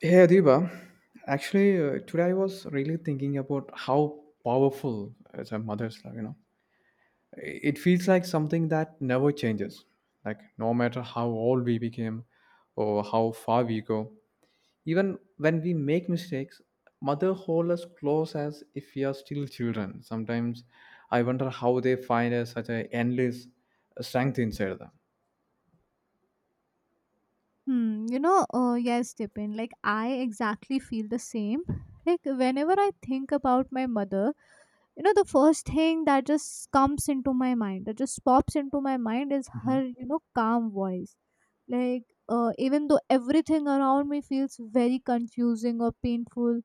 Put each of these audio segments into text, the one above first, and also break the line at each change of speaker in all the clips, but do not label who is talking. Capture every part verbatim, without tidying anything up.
Hey Adiba, actually uh, today I was really thinking about how powerful as a mother's love, you know. It feels like something that never changes. Like no matter how old we became or how far we go, even when we make mistakes, mother hold us close as if we are still children. Sometimes I wonder how they find a, such an endless strength inside them.
Hmm, you know, uh, yes, Tipin, like I exactly feel the same. Like whenever I think about my mother, you know, the first thing that just comes into my mind, that just pops into my mind is
Hmm.
her, you know, calm voice. Like, uh, Even though everything around me feels very confusing or painful,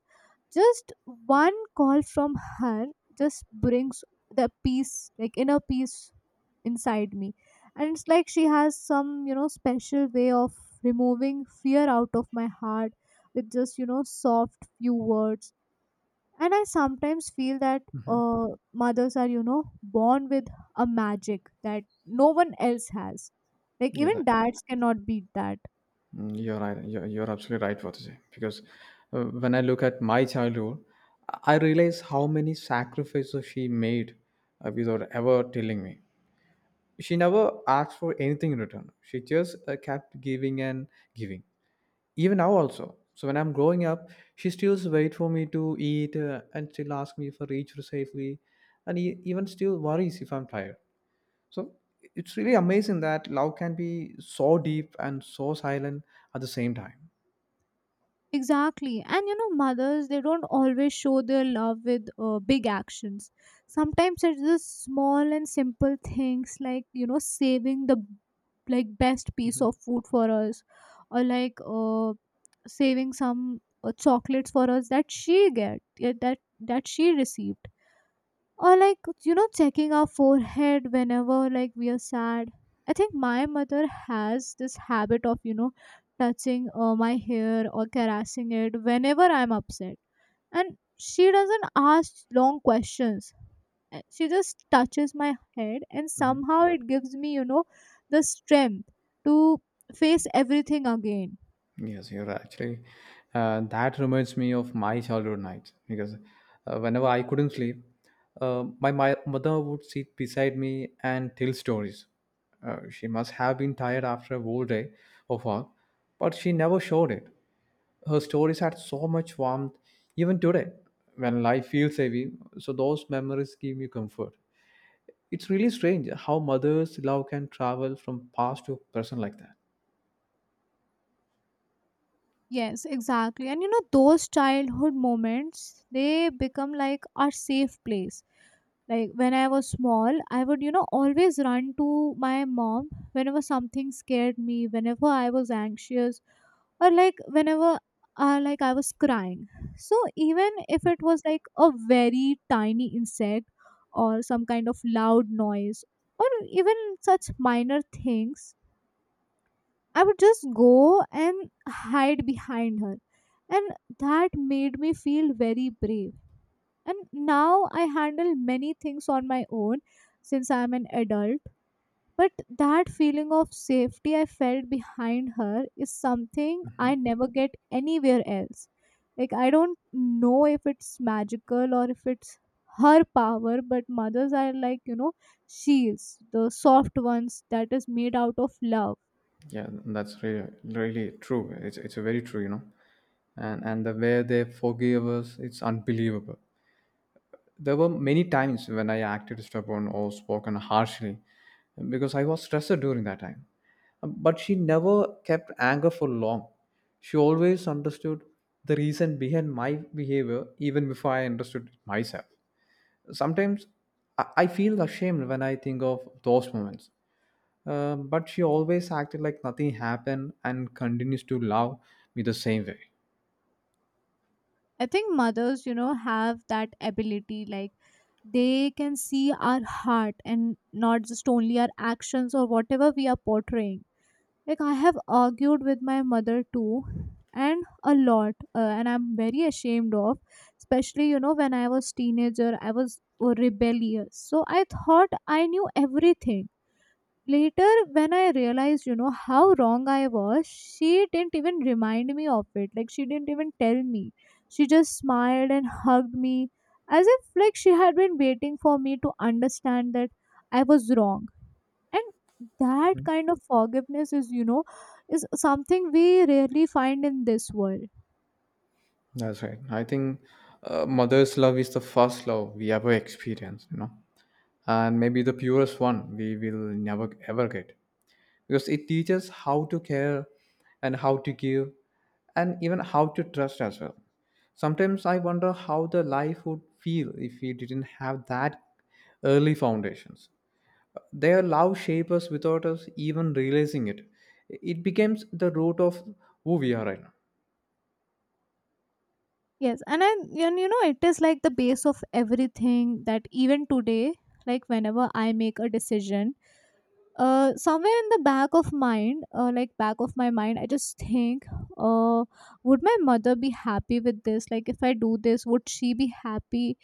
just one call from her just brings the peace, like inner peace inside me. And it's like she has some, you know, special way of removing fear out of my heart with just, you know, soft few words. And I sometimes feel that uh, mothers are, you know, born with a magic that no one else has. Like
Yeah,
even
like,
dads cannot beat that.
Mm, you're right. You're, you're absolutely right what you say. Because uh, when I look at my childhood, I realize how many sacrifices she made uh, without ever telling me. She never asked for anything in return. She just uh, kept giving and giving. Even now also. So when I'm growing up, she still waits for me to eat uh, and still asks me for each safely, and e- even still worries if I'm tired. So it's really amazing that love can be so deep and so silent at the same time.
Exactly. And you know, mothers, they don't always show their love with uh, big actions. Sometimes it's just small and simple things like, you know, saving the like best piece
Mm-hmm.
of food for us, or like uh, saving some uh, chocolates for us that she get, yeah, that that she received, or like, you know, checking our forehead whenever like we are sad. I think my mother has this habit of, you know, touching uh, my hair or caressing it whenever I'm upset. And she doesn't ask long questions. Uh, she just touches my head and
Mhm.
somehow it gives me, you know, the strength to face everything again.
Yes, you're right, actually. Uh, that reminds me of my childhood nights because uh, whenever I couldn't sleep, uh, my, my mother would sit beside me and tell stories. Uh, she must have been tired after a whole day of work, but she never showed it. Her stories had so much warmth, even today, when life feels heavy. So those memories give me comfort. It's really strange how mother's love can travel from past to present like that.
Yes, exactly. And you know, those childhood moments, they become like our safe place. Like when I was small, I would, you know, always run to my mom whenever something scared me, whenever I was anxious, or like whenever uh, like I was crying. So even if it was like a very tiny insect or some kind of loud noise or even such minor things, I would just go and hide behind her. And that made me feel very brave. And now I handle many things on my own since I'm an adult. But that feeling of safety I felt behind her is something I never get anywhere else. Like, I don't know if it's magical or if it's her power, but mothers are like, you know, shields, the soft ones that is made out of love.
Yeah, that's really really true. It's it's a very true, you know. And and the way they forgive us, it's unbelievable. There were many times when I acted stubborn or spoken harshly because I was stressed during that time. But she never kept anger for long. She always understood the reason behind my behavior even before I understood it myself. Sometimes I I feel ashamed when I think of those moments uh, but she always acted like nothing happened and continues to love me the same way.
I think mothers, you know, have that ability. Like they can see our heart and not just only our actions or whatever we are portraying. Like I have argued with my mother too, and a lot, uh, and I'm very ashamed of. Especially, you know, when I was teenager, I was uh, rebellious. So I thought I knew everything. Later, when I realized, you know, how wrong I was, she didn't even remind me of it. Like, she didn't even tell me. She just smiled and hugged me as if, like, she had been waiting for me to understand that I was wrong. And that kind of forgiveness is, you know, is something we rarely find in this world.
That's right. I think uh, mother's love is the first love we ever experience, you know, and maybe the purest one we will never ever get because it teaches how to care and how to give and even how to trust as well. Sometimes I wonder how the life would feel if we didn't have that early foundations. Their love shapes us without us even realizing it. It becomes the root of who we are right now.
Yes, and I, and you know, it is like the base of everything, that even today, like whenever I make a decision, uh somewhere in the back of mind, uh, like back of my mind, I just think, uh would my mother be happy with this? Like if I do this, would she be happy?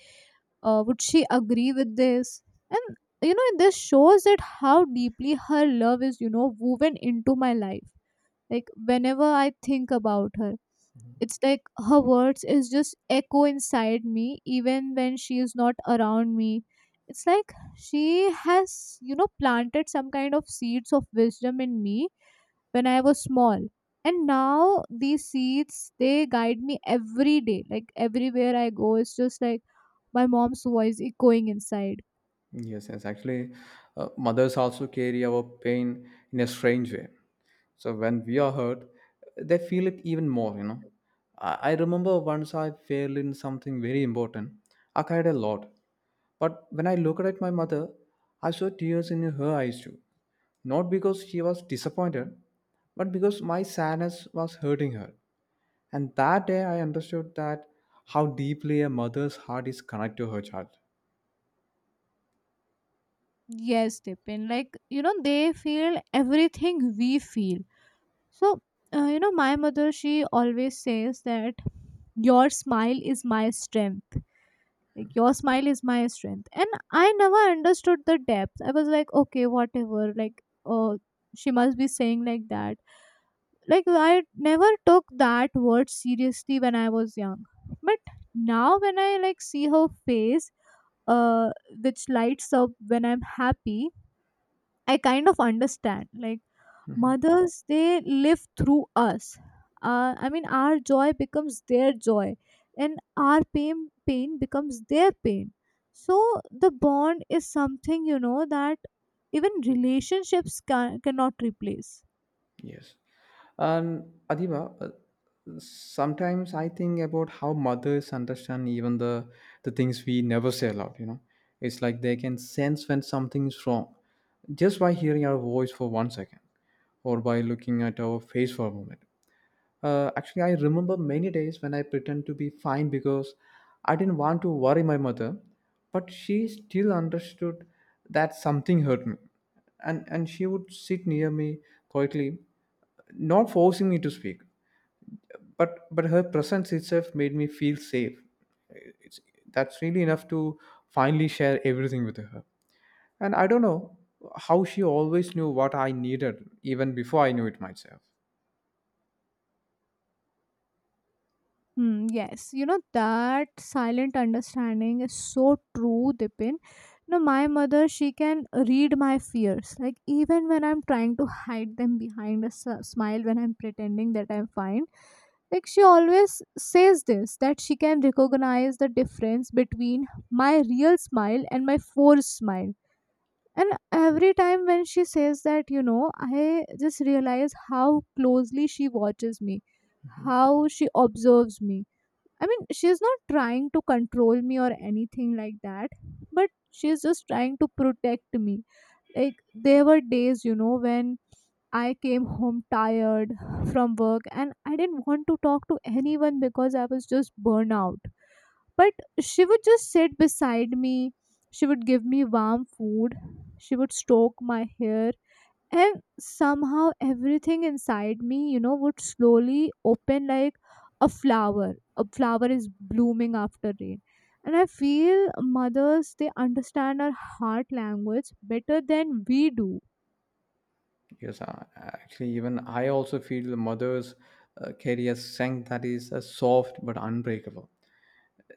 uh Would she agree with this? And you know, this shows that how deeply her love is, you know, woven into my life. Like whenever I think about her, it's like her words is just echo inside me even when she is not around me. It's like she has, you know, planted some kind of seeds of wisdom in me when I was small. And now these seeds they guide me every day. Like everywhere I go, it's just like my mom's voice echoing inside.
Yes, yes. Actually, uh, mothers also carry our pain in a strange way. So when we are hurt, they feel it even more, you know. I, I remember once I failed in something very important. I cried a lot. But when I looked at my mother, I saw tears in her eyes too. Not because she was disappointed, but because my sadness was hurting her. And that day I understood that how deeply a mother's heart is connected to her child.
Yes, Tipin. Like, you know, they feel everything we feel. So, uh, you know, my mother, she always says that your smile is my strength. Like, your smile is my strength. And I never understood the depth. I was like, okay, whatever. Like, oh, she must be saying like that. Like, I never took that word seriously when I was young. But now, when I like see her face, uh, which lights up when I'm happy, I kind of understand. Like, mothers they live through us. uh, I mean, our joy becomes their joy and our pain pain becomes their pain. So the bond is something, you know, that even relationships can, cannot replace.
Yes. And Adiba, uh, sometimes I think about how mothers understand even the the things we never say aloud, you know. It's like they can sense when something is wrong just by hearing our voice for one second or by looking at our face for a moment. Uh, actually, I remember many days when I pretend to be fine because I didn't want to worry my mother, but she still understood that something hurt me. And, and she would sit near me quietly, not forcing me to speak. But, but her presence itself made me feel safe. It's, that's really enough to finally share everything with her. And I don't know how she always knew what I needed even before I knew it myself.
Hmm, yes, you know that silent understanding is so true, Dipin. You know my mother, she can read my fears. Like even when I'm trying to hide them behind a s- smile, when I'm pretending that I'm fine, like she always says this that she can recognize the difference between my real smile and my forced smile. And every time when she says that, you know, I just realize how closely she watches me, how she observes me. I mean, she's not trying to control me or anything like that, but she's just trying to protect me. Like, there were days, you know, when I came home tired from work and I didn't want to talk to anyone because I was just burnout. But she would just sit beside me, she would give me warm food, she would stroke my hair, and somehow everything inside me, you know, would slowly open like a flower, a flower is blooming after rain. And I feel mothers they understand our heart language better than we do.
Yes, I, actually, even I also feel mothers uh, carry a strength that is uh, soft but unbreakable.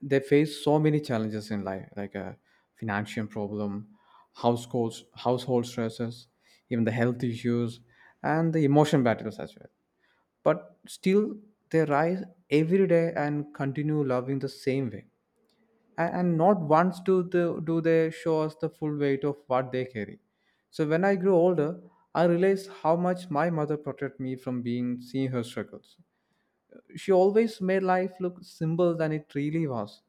They face so many challenges in life, like a financial problem, household household stresses, even the health issues, and the emotion battles as well. But still, they rise every day and continue loving the same way and, and not once do the, do they show us the full weight of what they carry. So when I grew older, I realized how much my mother protected me from being seeing her struggles. She always made life look simpler than it really was,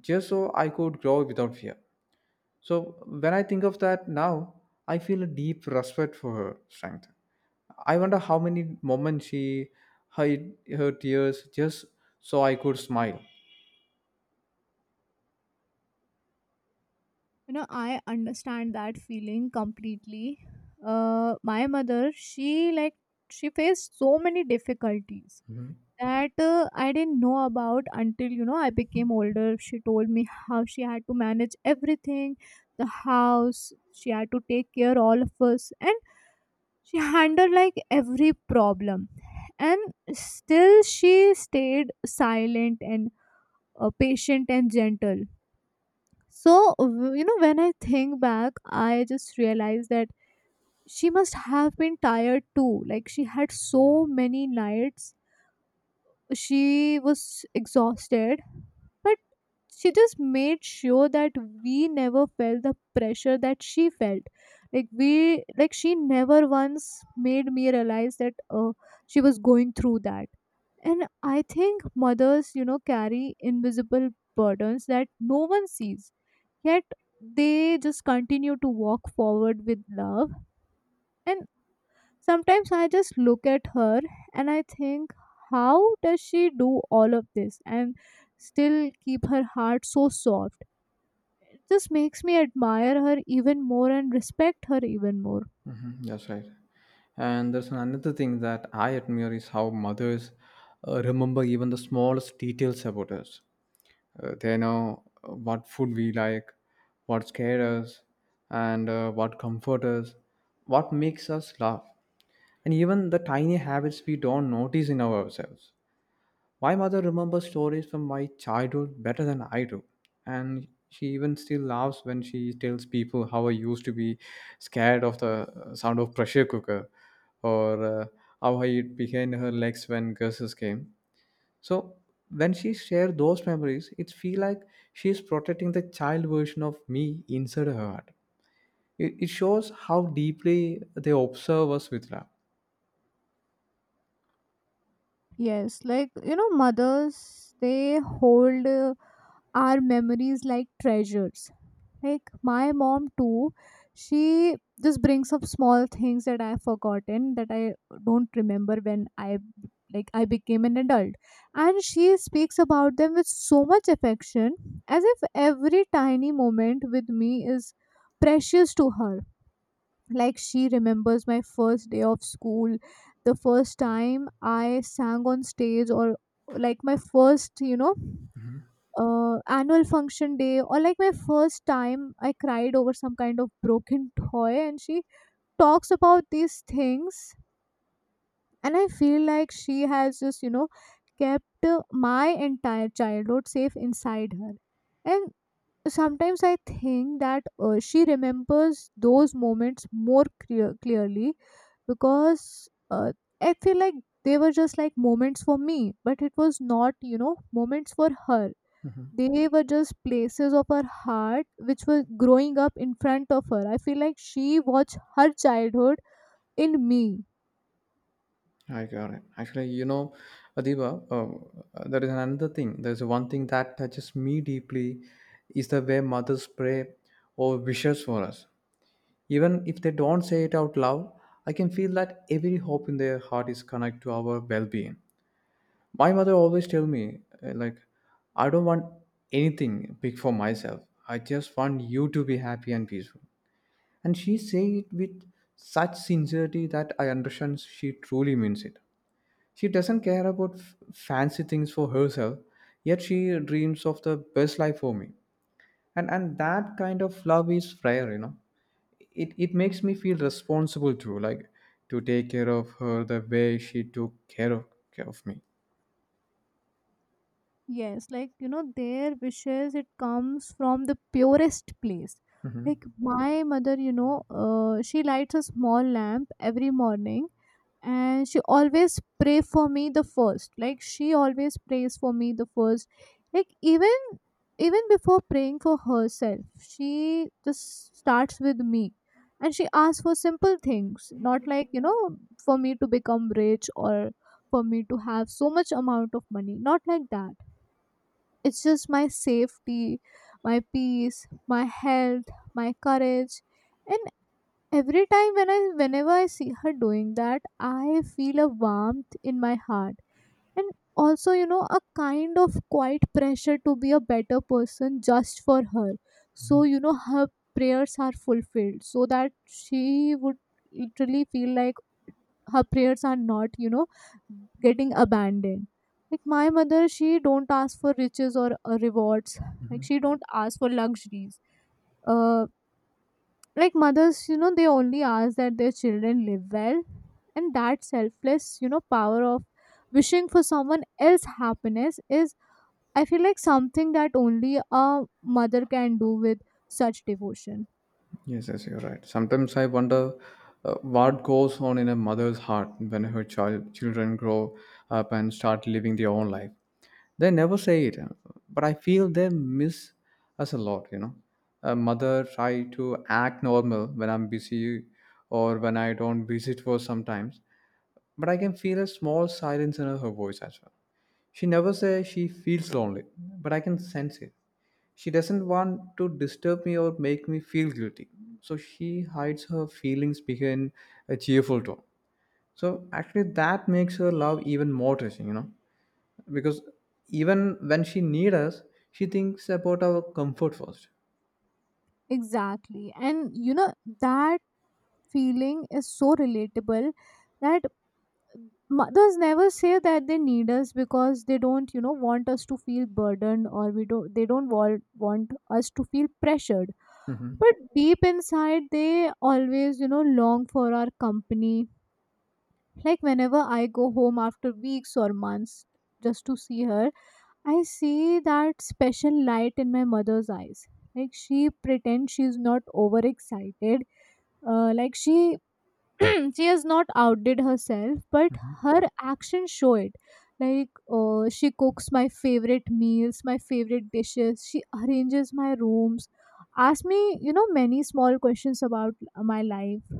just so I could grow without fear. So when I think of that now, I feel a deep respect for her strength. I wonder how many moments she hid her tears just so I could smile.
You know, I understand that feeling completely. Uh my mother, she like, she faced so many difficulties
Hmm.
that uh, I didn't know about until, you know, I became older. She told me how she had to manage everything, the house. She had to take care all of us, and she handled like every problem. And still, she stayed silent and uh, patient and gentle. So w- you know, when I think back, I just realized that she must have been tired too. Like she had so many nights she was exhausted, but she just made sure that we never felt the pressure that she felt. Like we like she never once made me realize that uh, she was going through that. And I think mothers, you know, carry invisible burdens that no one sees, yet they just continue to walk forward with love. And sometimes I just look at her and I think, how does she do all of this and still keep her heart so soft? It just makes me admire her even more and respect her even more.
Hmm. That's right. And there's another thing that I admire is how mothers uh, remember even the smallest details about us. Uh, they know uh, what food we like, what scared us, and uh, what comfort us, what makes us laugh, and even the tiny habits we don't notice in ourselves. My mother remembers stories from my childhood better than I do, and she even still laughs when she tells people how I used to be scared of the uh, sound of pressure cooker or uh, how I hid behind her legs when curses came. So when she shares those memories, it feels like she is protecting the child version of me inside her heart. It, it shows how deeply they observe us with love.
Yes, like you know, mothers they hold uh, our memories like treasures. Like my mom too, she just brings up small things that I've forgotten, that I don't remember when I, like I became an adult. And she speaks about them with so much affection, as if every tiny moment with me is precious to her. Like she remembers my first day of school, the first time I sang on stage, or like my first, you know, uh, annual function day, or like my first time I cried over some kind of broken toy. And she talks about these things, and I feel like she has just, you know, kept uh, my entire childhood safe inside her. And sometimes I think that uh, she remembers those moments more clear- clearly, because uh, I feel like they were just like moments for me, but it was not, you know, moments for her. They were just places of her heart which were growing up in front of her. I feel like she watched her childhood in me.
I got it. Actually, you know, Adiba, uh, there is another thing. There's one thing that touches me deeply is the way mothers pray or wishes for us. Even if they don't say it out loud, I can feel that every hope in their heart is connected to our well-being. My mother always tell me, uh, like, I don't want anything big for myself. I just want you to be happy and peaceful. And she say it with such sincerity that I understand she truly means it. She doesn't care about f- fancy things for herself, yet she dreams of the best life for me. And and that kind of love is rare, you know. It it makes me feel responsible too, like to take care of her the way she took care of care of me.
Yes, like you know, their wishes it comes from the purest place.
Hmm.
Like my mother, you know, uh, she lights a small lamp every morning and she always pray for me the first. Like she always prays for me the first. Like even even before praying for herself, she just starts with me. And she asks for simple things, not, like, you know, for me to become rich or for me to have so much amount of money, not like that. It's just my safety, my peace, my health, my courage. And every time when I whenever I see her doing that, I feel a warmth in my heart. And also, you know, a kind of quiet pressure to be a better person just for her, so, you know, her prayers are fulfilled so that she would literally feel like her prayers are not, you know, getting abandoned. Like my mother, she don't ask for riches or uh, rewards. Like she don't ask for luxuries. uh like mothers, you know, they only ask that their children live well. And that selfless, you know, power of wishing for someone else happiness is, I feel like, something that only a mother can do with such devotion.
Yes, yes, you're right. Sometimes I wonder uh, what goes on in a mother's heart when her child children grow up and start living their own life. They never say it, uh, but I feel they miss us a lot, you know. A mother try to act normal when I'm busy or when I don't visit for sometimes, but I can feel a small silence in her voice as well. She never says she feels lonely, but I can sense it. She doesn't want to disturb me or make me feel guilty. So she hides her feelings behind a cheerful tone. So actually that makes her love even more touching, you know because even when she need us, she thinks about our comfort first.
Exactly, and you know that feeling is so relatable, that mothers never say that they need us because they don't, you know, want us to feel burdened or we don't they don't want, want us to feel pressured.
Hmm.
But deep inside they always, you know, long for our company. Like whenever I go home after weeks or months, just to see her, I see that special light in my mother's eyes. Like she pretends she's not overexcited. Uh, like she she has not outdid herself, but her actions show it. Like, uh, she cooks my favorite meals, my favorite dishes, she arranges my rooms, asks me, you know, many small questions about my life.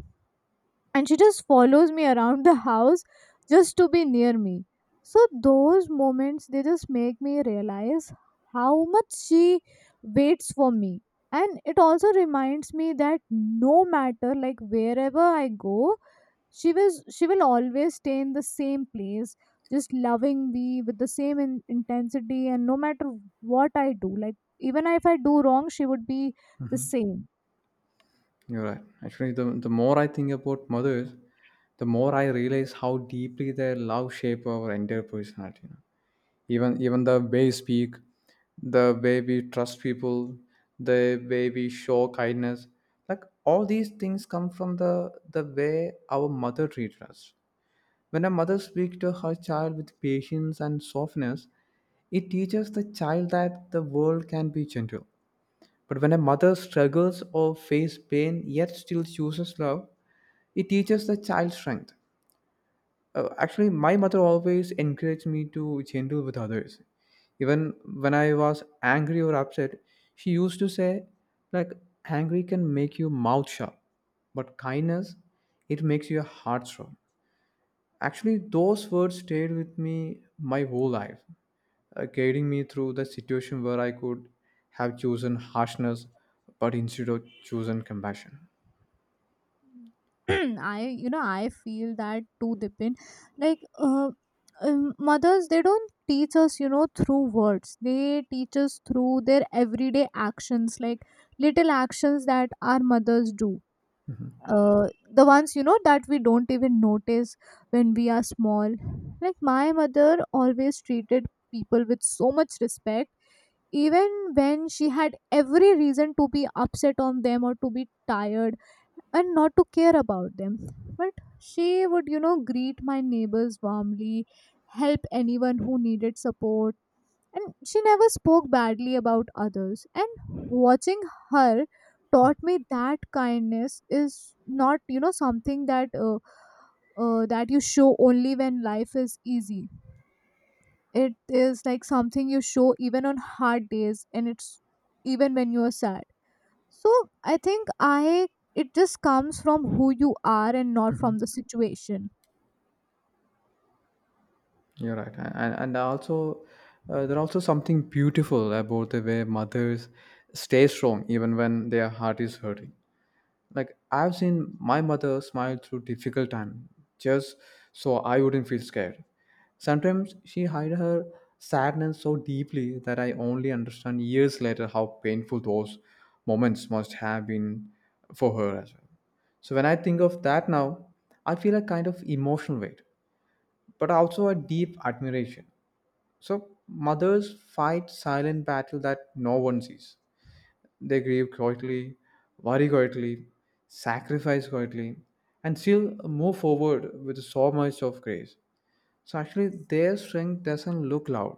And she just follows me around the house just to be near me. So those moments, they just make me realize how much she waits for me. And it also reminds me that no matter, like, wherever I go, she was she will always stay in the same place, just loving me with the same in- intensity. And no matter what I do, like, even if I do wrong, she would be the same.
You're right, actually. The, the more I think about mothers, the more I realize how deeply their love shape our entire personality you know. even even the way we speak, the way we trust people, the way we show kindness, like all these things come from the the way our mother treated us. When a mother speaks to her child with patience and softness, it teaches the child that the world can be gentle. But when a mother struggles or faces pain yet still chooses love, it teaches the child strength. Uh, actually, my mother always encouraged me to gentle with others. Even when I was angry or upset, she used to say, like, angry can make you mouth shut, but kindness, it makes your heart strong. Actually, those words stayed with me my whole life, uh, guiding me through the situation where I could have chosen harshness, but instead of chosen compassion.
I you know I feel that too, Dipin. Like, uh, um, mothers, they don't teach us, you know, through words, they teach us through their everyday actions. Like little actions that our mothers do,
Mhm.
uh, the ones, you know, that we don't even notice when we are small. Like my mother always treated people with so much respect, even when she had every reason to be upset on them or to be tired and not to care about them. But she would, you know, greet my neighbors warmly, help anyone who needed support, and she never spoke badly about others. And watching her taught me that kindness is not, you know, something that uh, uh, that you show only when life is easy. It is like something you show even on hard days, and it's even when you are sad. So I think I it just comes from who you are and not from
Mhm.
the situation.
You're right, A- and and also uh, there's also something beautiful about the way mothers stay strong even when their heart is hurting. Like I've seen my mother smile through difficult time just so I wouldn't feel scared. Sometimes she hid her sadness so deeply that I only understand years later how painful those moments must have been for her as well. So when I think of that now, I feel a kind of emotional weight, but also a deep admiration. So mothers fight silent battle that no one sees. They grieve quietly, worry quietly, sacrifice quietly, and still move forward with so much of grace. So actually, their strength doesn't look loud.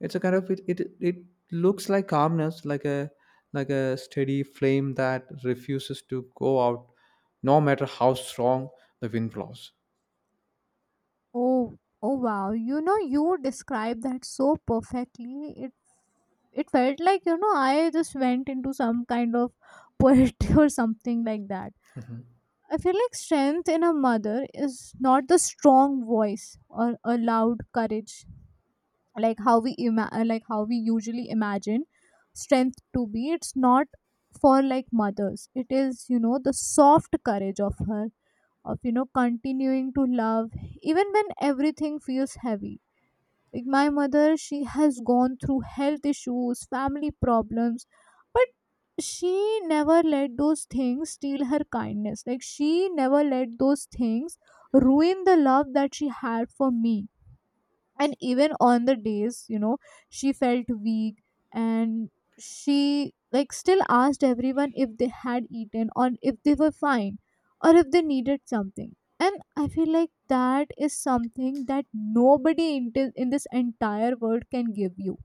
It's a kind of it. It, it looks like calmness, like a like a steady flame that refuses to go out, no matter how strong the wind blows.
Oh, oh wow. You know, you described that so perfectly. It it felt like, you know, I just went into some kind of poetry or something like that. I feel like strength in a mother is not the strong voice or a loud courage, like how we ima- uh, like how we usually imagine strength to be. It's not for like mothers. It is, you know, the soft courage of her, of, you know, continuing to love even when everything feels heavy. Like my mother, she has gone through health issues, family problems, but she never let those things steal her kindness. Like she never let those things ruin the love that she had for me. And even on the days, you know, she felt weak, and she like still asked everyone if they had eaten or if they were fine or if they needed something. And I feel like that is something that nobody in, thi- in this entire world can give you.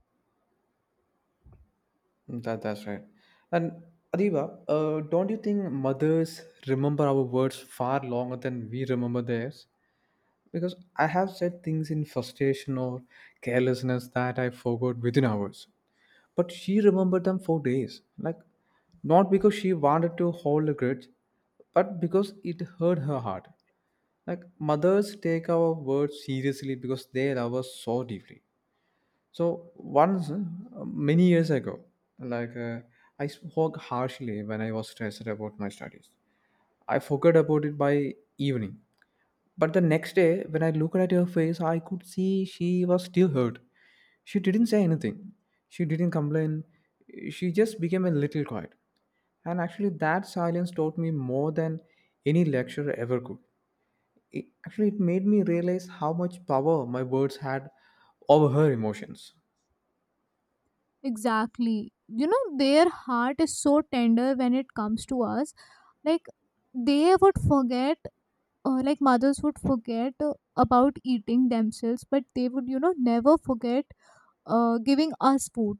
That that's right. And Adiba, uh, don't you think mothers remember our words far longer than we remember theirs? Because I have said things in frustration or carelessness that I forgot within hours. But she remembered them for days. Like, not because she wanted to hold a grudge, but because it hurt her heart. Like, mothers take our words seriously because they love us so deeply. So, once, uh, many years ago, like, uh, I spoke harshly when I was stressed about my studies. I forgot about it by evening, but the next day, when I looked at her face, I could see she was still hurt. She didn't say anything. She didn't complain. She just became a little quiet. And actually, that silence taught me more than any lecture ever could. It, actually, it made me realize how much power my words had over her emotions.
Exactly, you know, their heart is so tender when it comes to us. Like they would forget, uh, like mothers would forget uh, about eating themselves, but they would, you know, never forget uh, giving us food.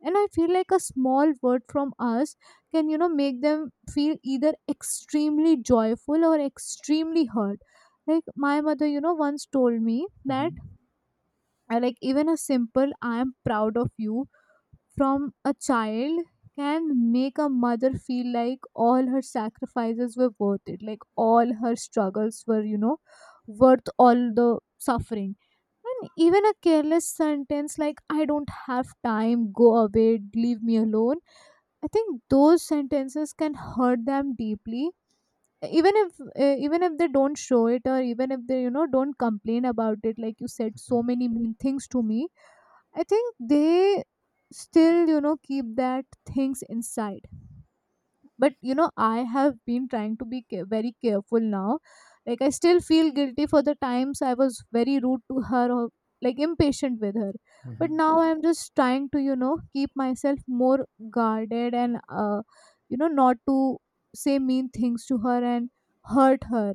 And I feel like a small word from us can, you know, make them feel either extremely joyful or extremely hurt. Like my mother, you know, once told me that
Hmm.
uh, like even a simple "I am proud of you" from a child can make a mother feel like all her sacrifices were worth it. Like all her struggles were, you know, worth all the suffering. And even a careless sentence like "I don't have time, go away, leave me alone," I think those sentences can hurt them deeply, even if uh, even if they don't show it, or even if they, you know, don't complain about it, like "you said so many mean things to me." I think they still, you know, keep that things inside. But, you know, I have been trying to be ca- very careful now. Like, I still feel guilty for the times I was very rude to her or like impatient with her. But now I'm just trying to, you know, keep myself more guarded and, uh, you know, not to say mean things to her and hurt her.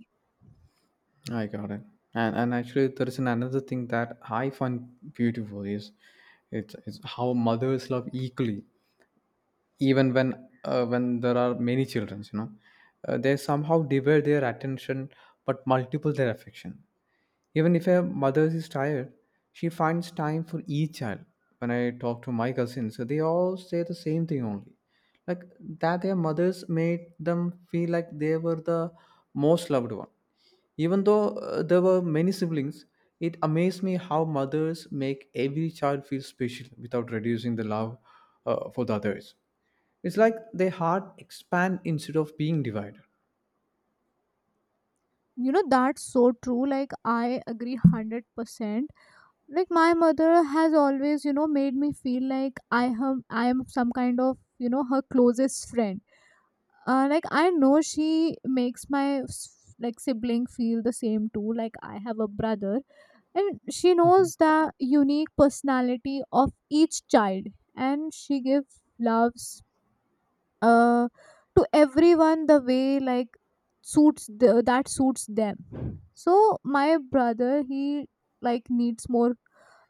I got it. And, and actually, there is an- another thing that I find beautiful is it's, it's how mothers love equally, even when uh, when there are many children you know uh, they somehow divide their attention but multiple their affection. Even if a mother is tired, she finds time for each child. When I talk to my cousins, they all say the same thing only, like, that their mothers made them feel like they were the most loved one, even though uh, there were many siblings. It amazed me how mothers make every child feel special without reducing the love uh, for the others. It's like they heart expand instead of being divided.
You know, that's so true. Like, I agree one hundred percent. Like my mother has always, you know, made me feel like i am i am some kind of, you know, her closest friend. Uh, like I know she makes my s- like sibling feel the same too. Like I have a brother, and she
Mhm,
knows the unique personality of each child. And she gives love, uh, to everyone the way like suits the, that suits them. So my brother, he like needs more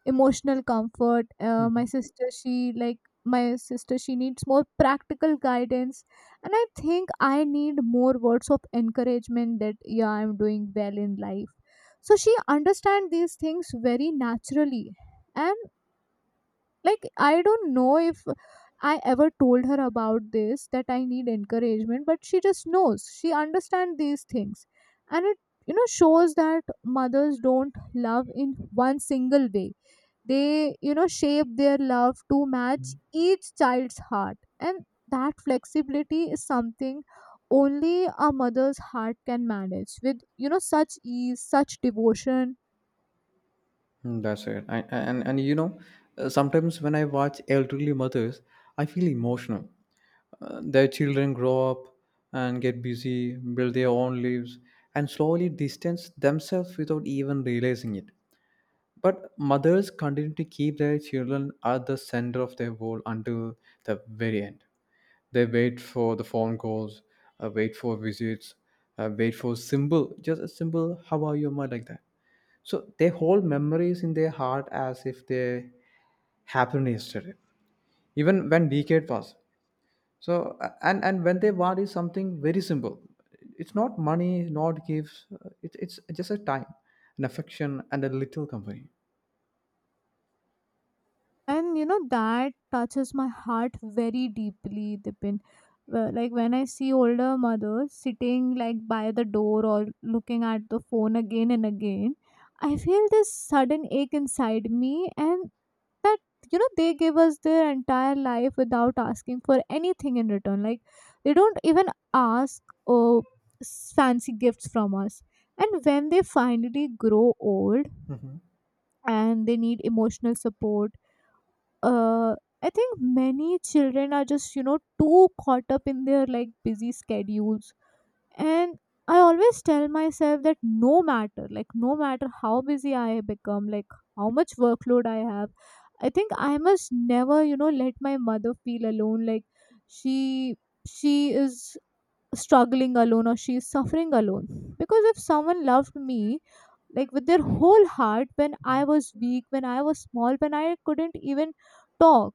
emotional comfort. Uh, my
mhm.
sister, she like my sister she needs more practical guidance. And I think I need more words of encouragement, that yeah, I'm doing well in life. So she understands these things very naturally. And like, I don't know if I ever told her about this, that I need encouragement, but she just knows, she understands these things. And it, you know, shows that mothers don't love in one single way. They, you know, shape their love to match each child's heart. And that flexibility is something only a mother's heart can manage with, you know, such ease, such devotion.
Mm, That's it. I, and and you know, uh, sometimes when I watch elderly mothers, I feel emotional. Uh, their children grow up and get busy, build their own lives, and slowly distance themselves without even realizing it. But mothers continue to keep their children at the center of their world until the very end. They wait for the phone calls, uh, wait for visits, uh, wait for simple, just a simple "How are you, ma?" like that. So they hold memories in their heart as if they happened yesterday, even when decade pass. So a- and and when they want is something very simple. It's not money, not gifts. uh, It, it's just a time, an affection, and a little company.
And you know that touches my heart very deeply, Dipin. Uh, like when I see older mothers sitting like by the door or looking at the phone again and again, I feel this sudden ache inside me. And that, you know, they give us their entire life without asking for anything in return. Like they don't even ask, oh, s- fancy gifts from us. And when they finally grow old
Mhm.
and they need emotional support, uh, I think many children are just, you know, too caught up in their like busy schedules. And I always tell myself that no matter, like, no matter how busy I become, like, how much workload I have, I think I must never, you know, let my mother feel alone. Like, she, she is struggling alone or she is suffering alone. Because if someone loved me like with their whole heart when I was weak, when I was small, when I couldn't even talk,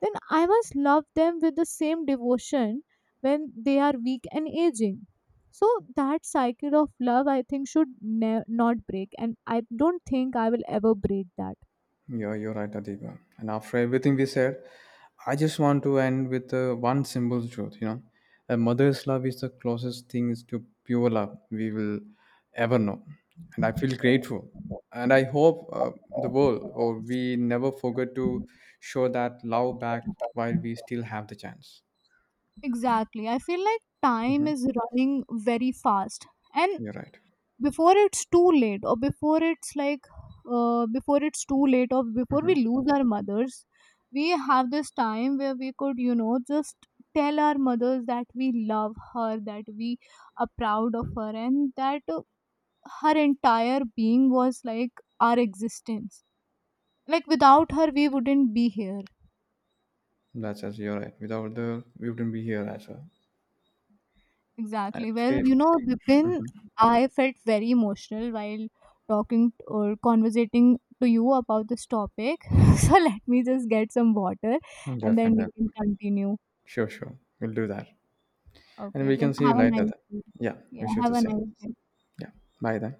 then I must love them with the same devotion when they are weak and aging. So that cycle of love, I think, should ne- not break, and I don't think I will ever break that.
Yeah, you're right, Adiba. And after everything we said, I just want to end with uh, one simple truth. You know, a mother's love is the closest things to pure love we will ever know, and I feel grateful. And I hope uh, the world or we never forget to show that love back while we still have the chance.
Exactly. I feel like time
Hmm.
is running very fast. And
You're right.
before it's too late, or before it's like, uh, before it's too late or before we
Hmm.
lose our mothers, we have this time where we could, you know, just tell our mothers that we love her, that we are proud of her, and that, uh, her entire being was like our existence. Like without her we wouldn't be here.
That's, as you're right. Without the, we wouldn't be here as well.
Exactly. Well, you
And.
know, Vipin, I felt very emotional while talking t- or conversating to you about this topic. So let me just get some water
Mhm.
and then
Definitely.
we can continue.
Sure, sure. We'll do that. And
Okay,
we
then
can see you
have a
later
nice
then.
day.
Yeah,
Yeah,
wish you
have
the
a
same.
nice day.
Yeah, bye then.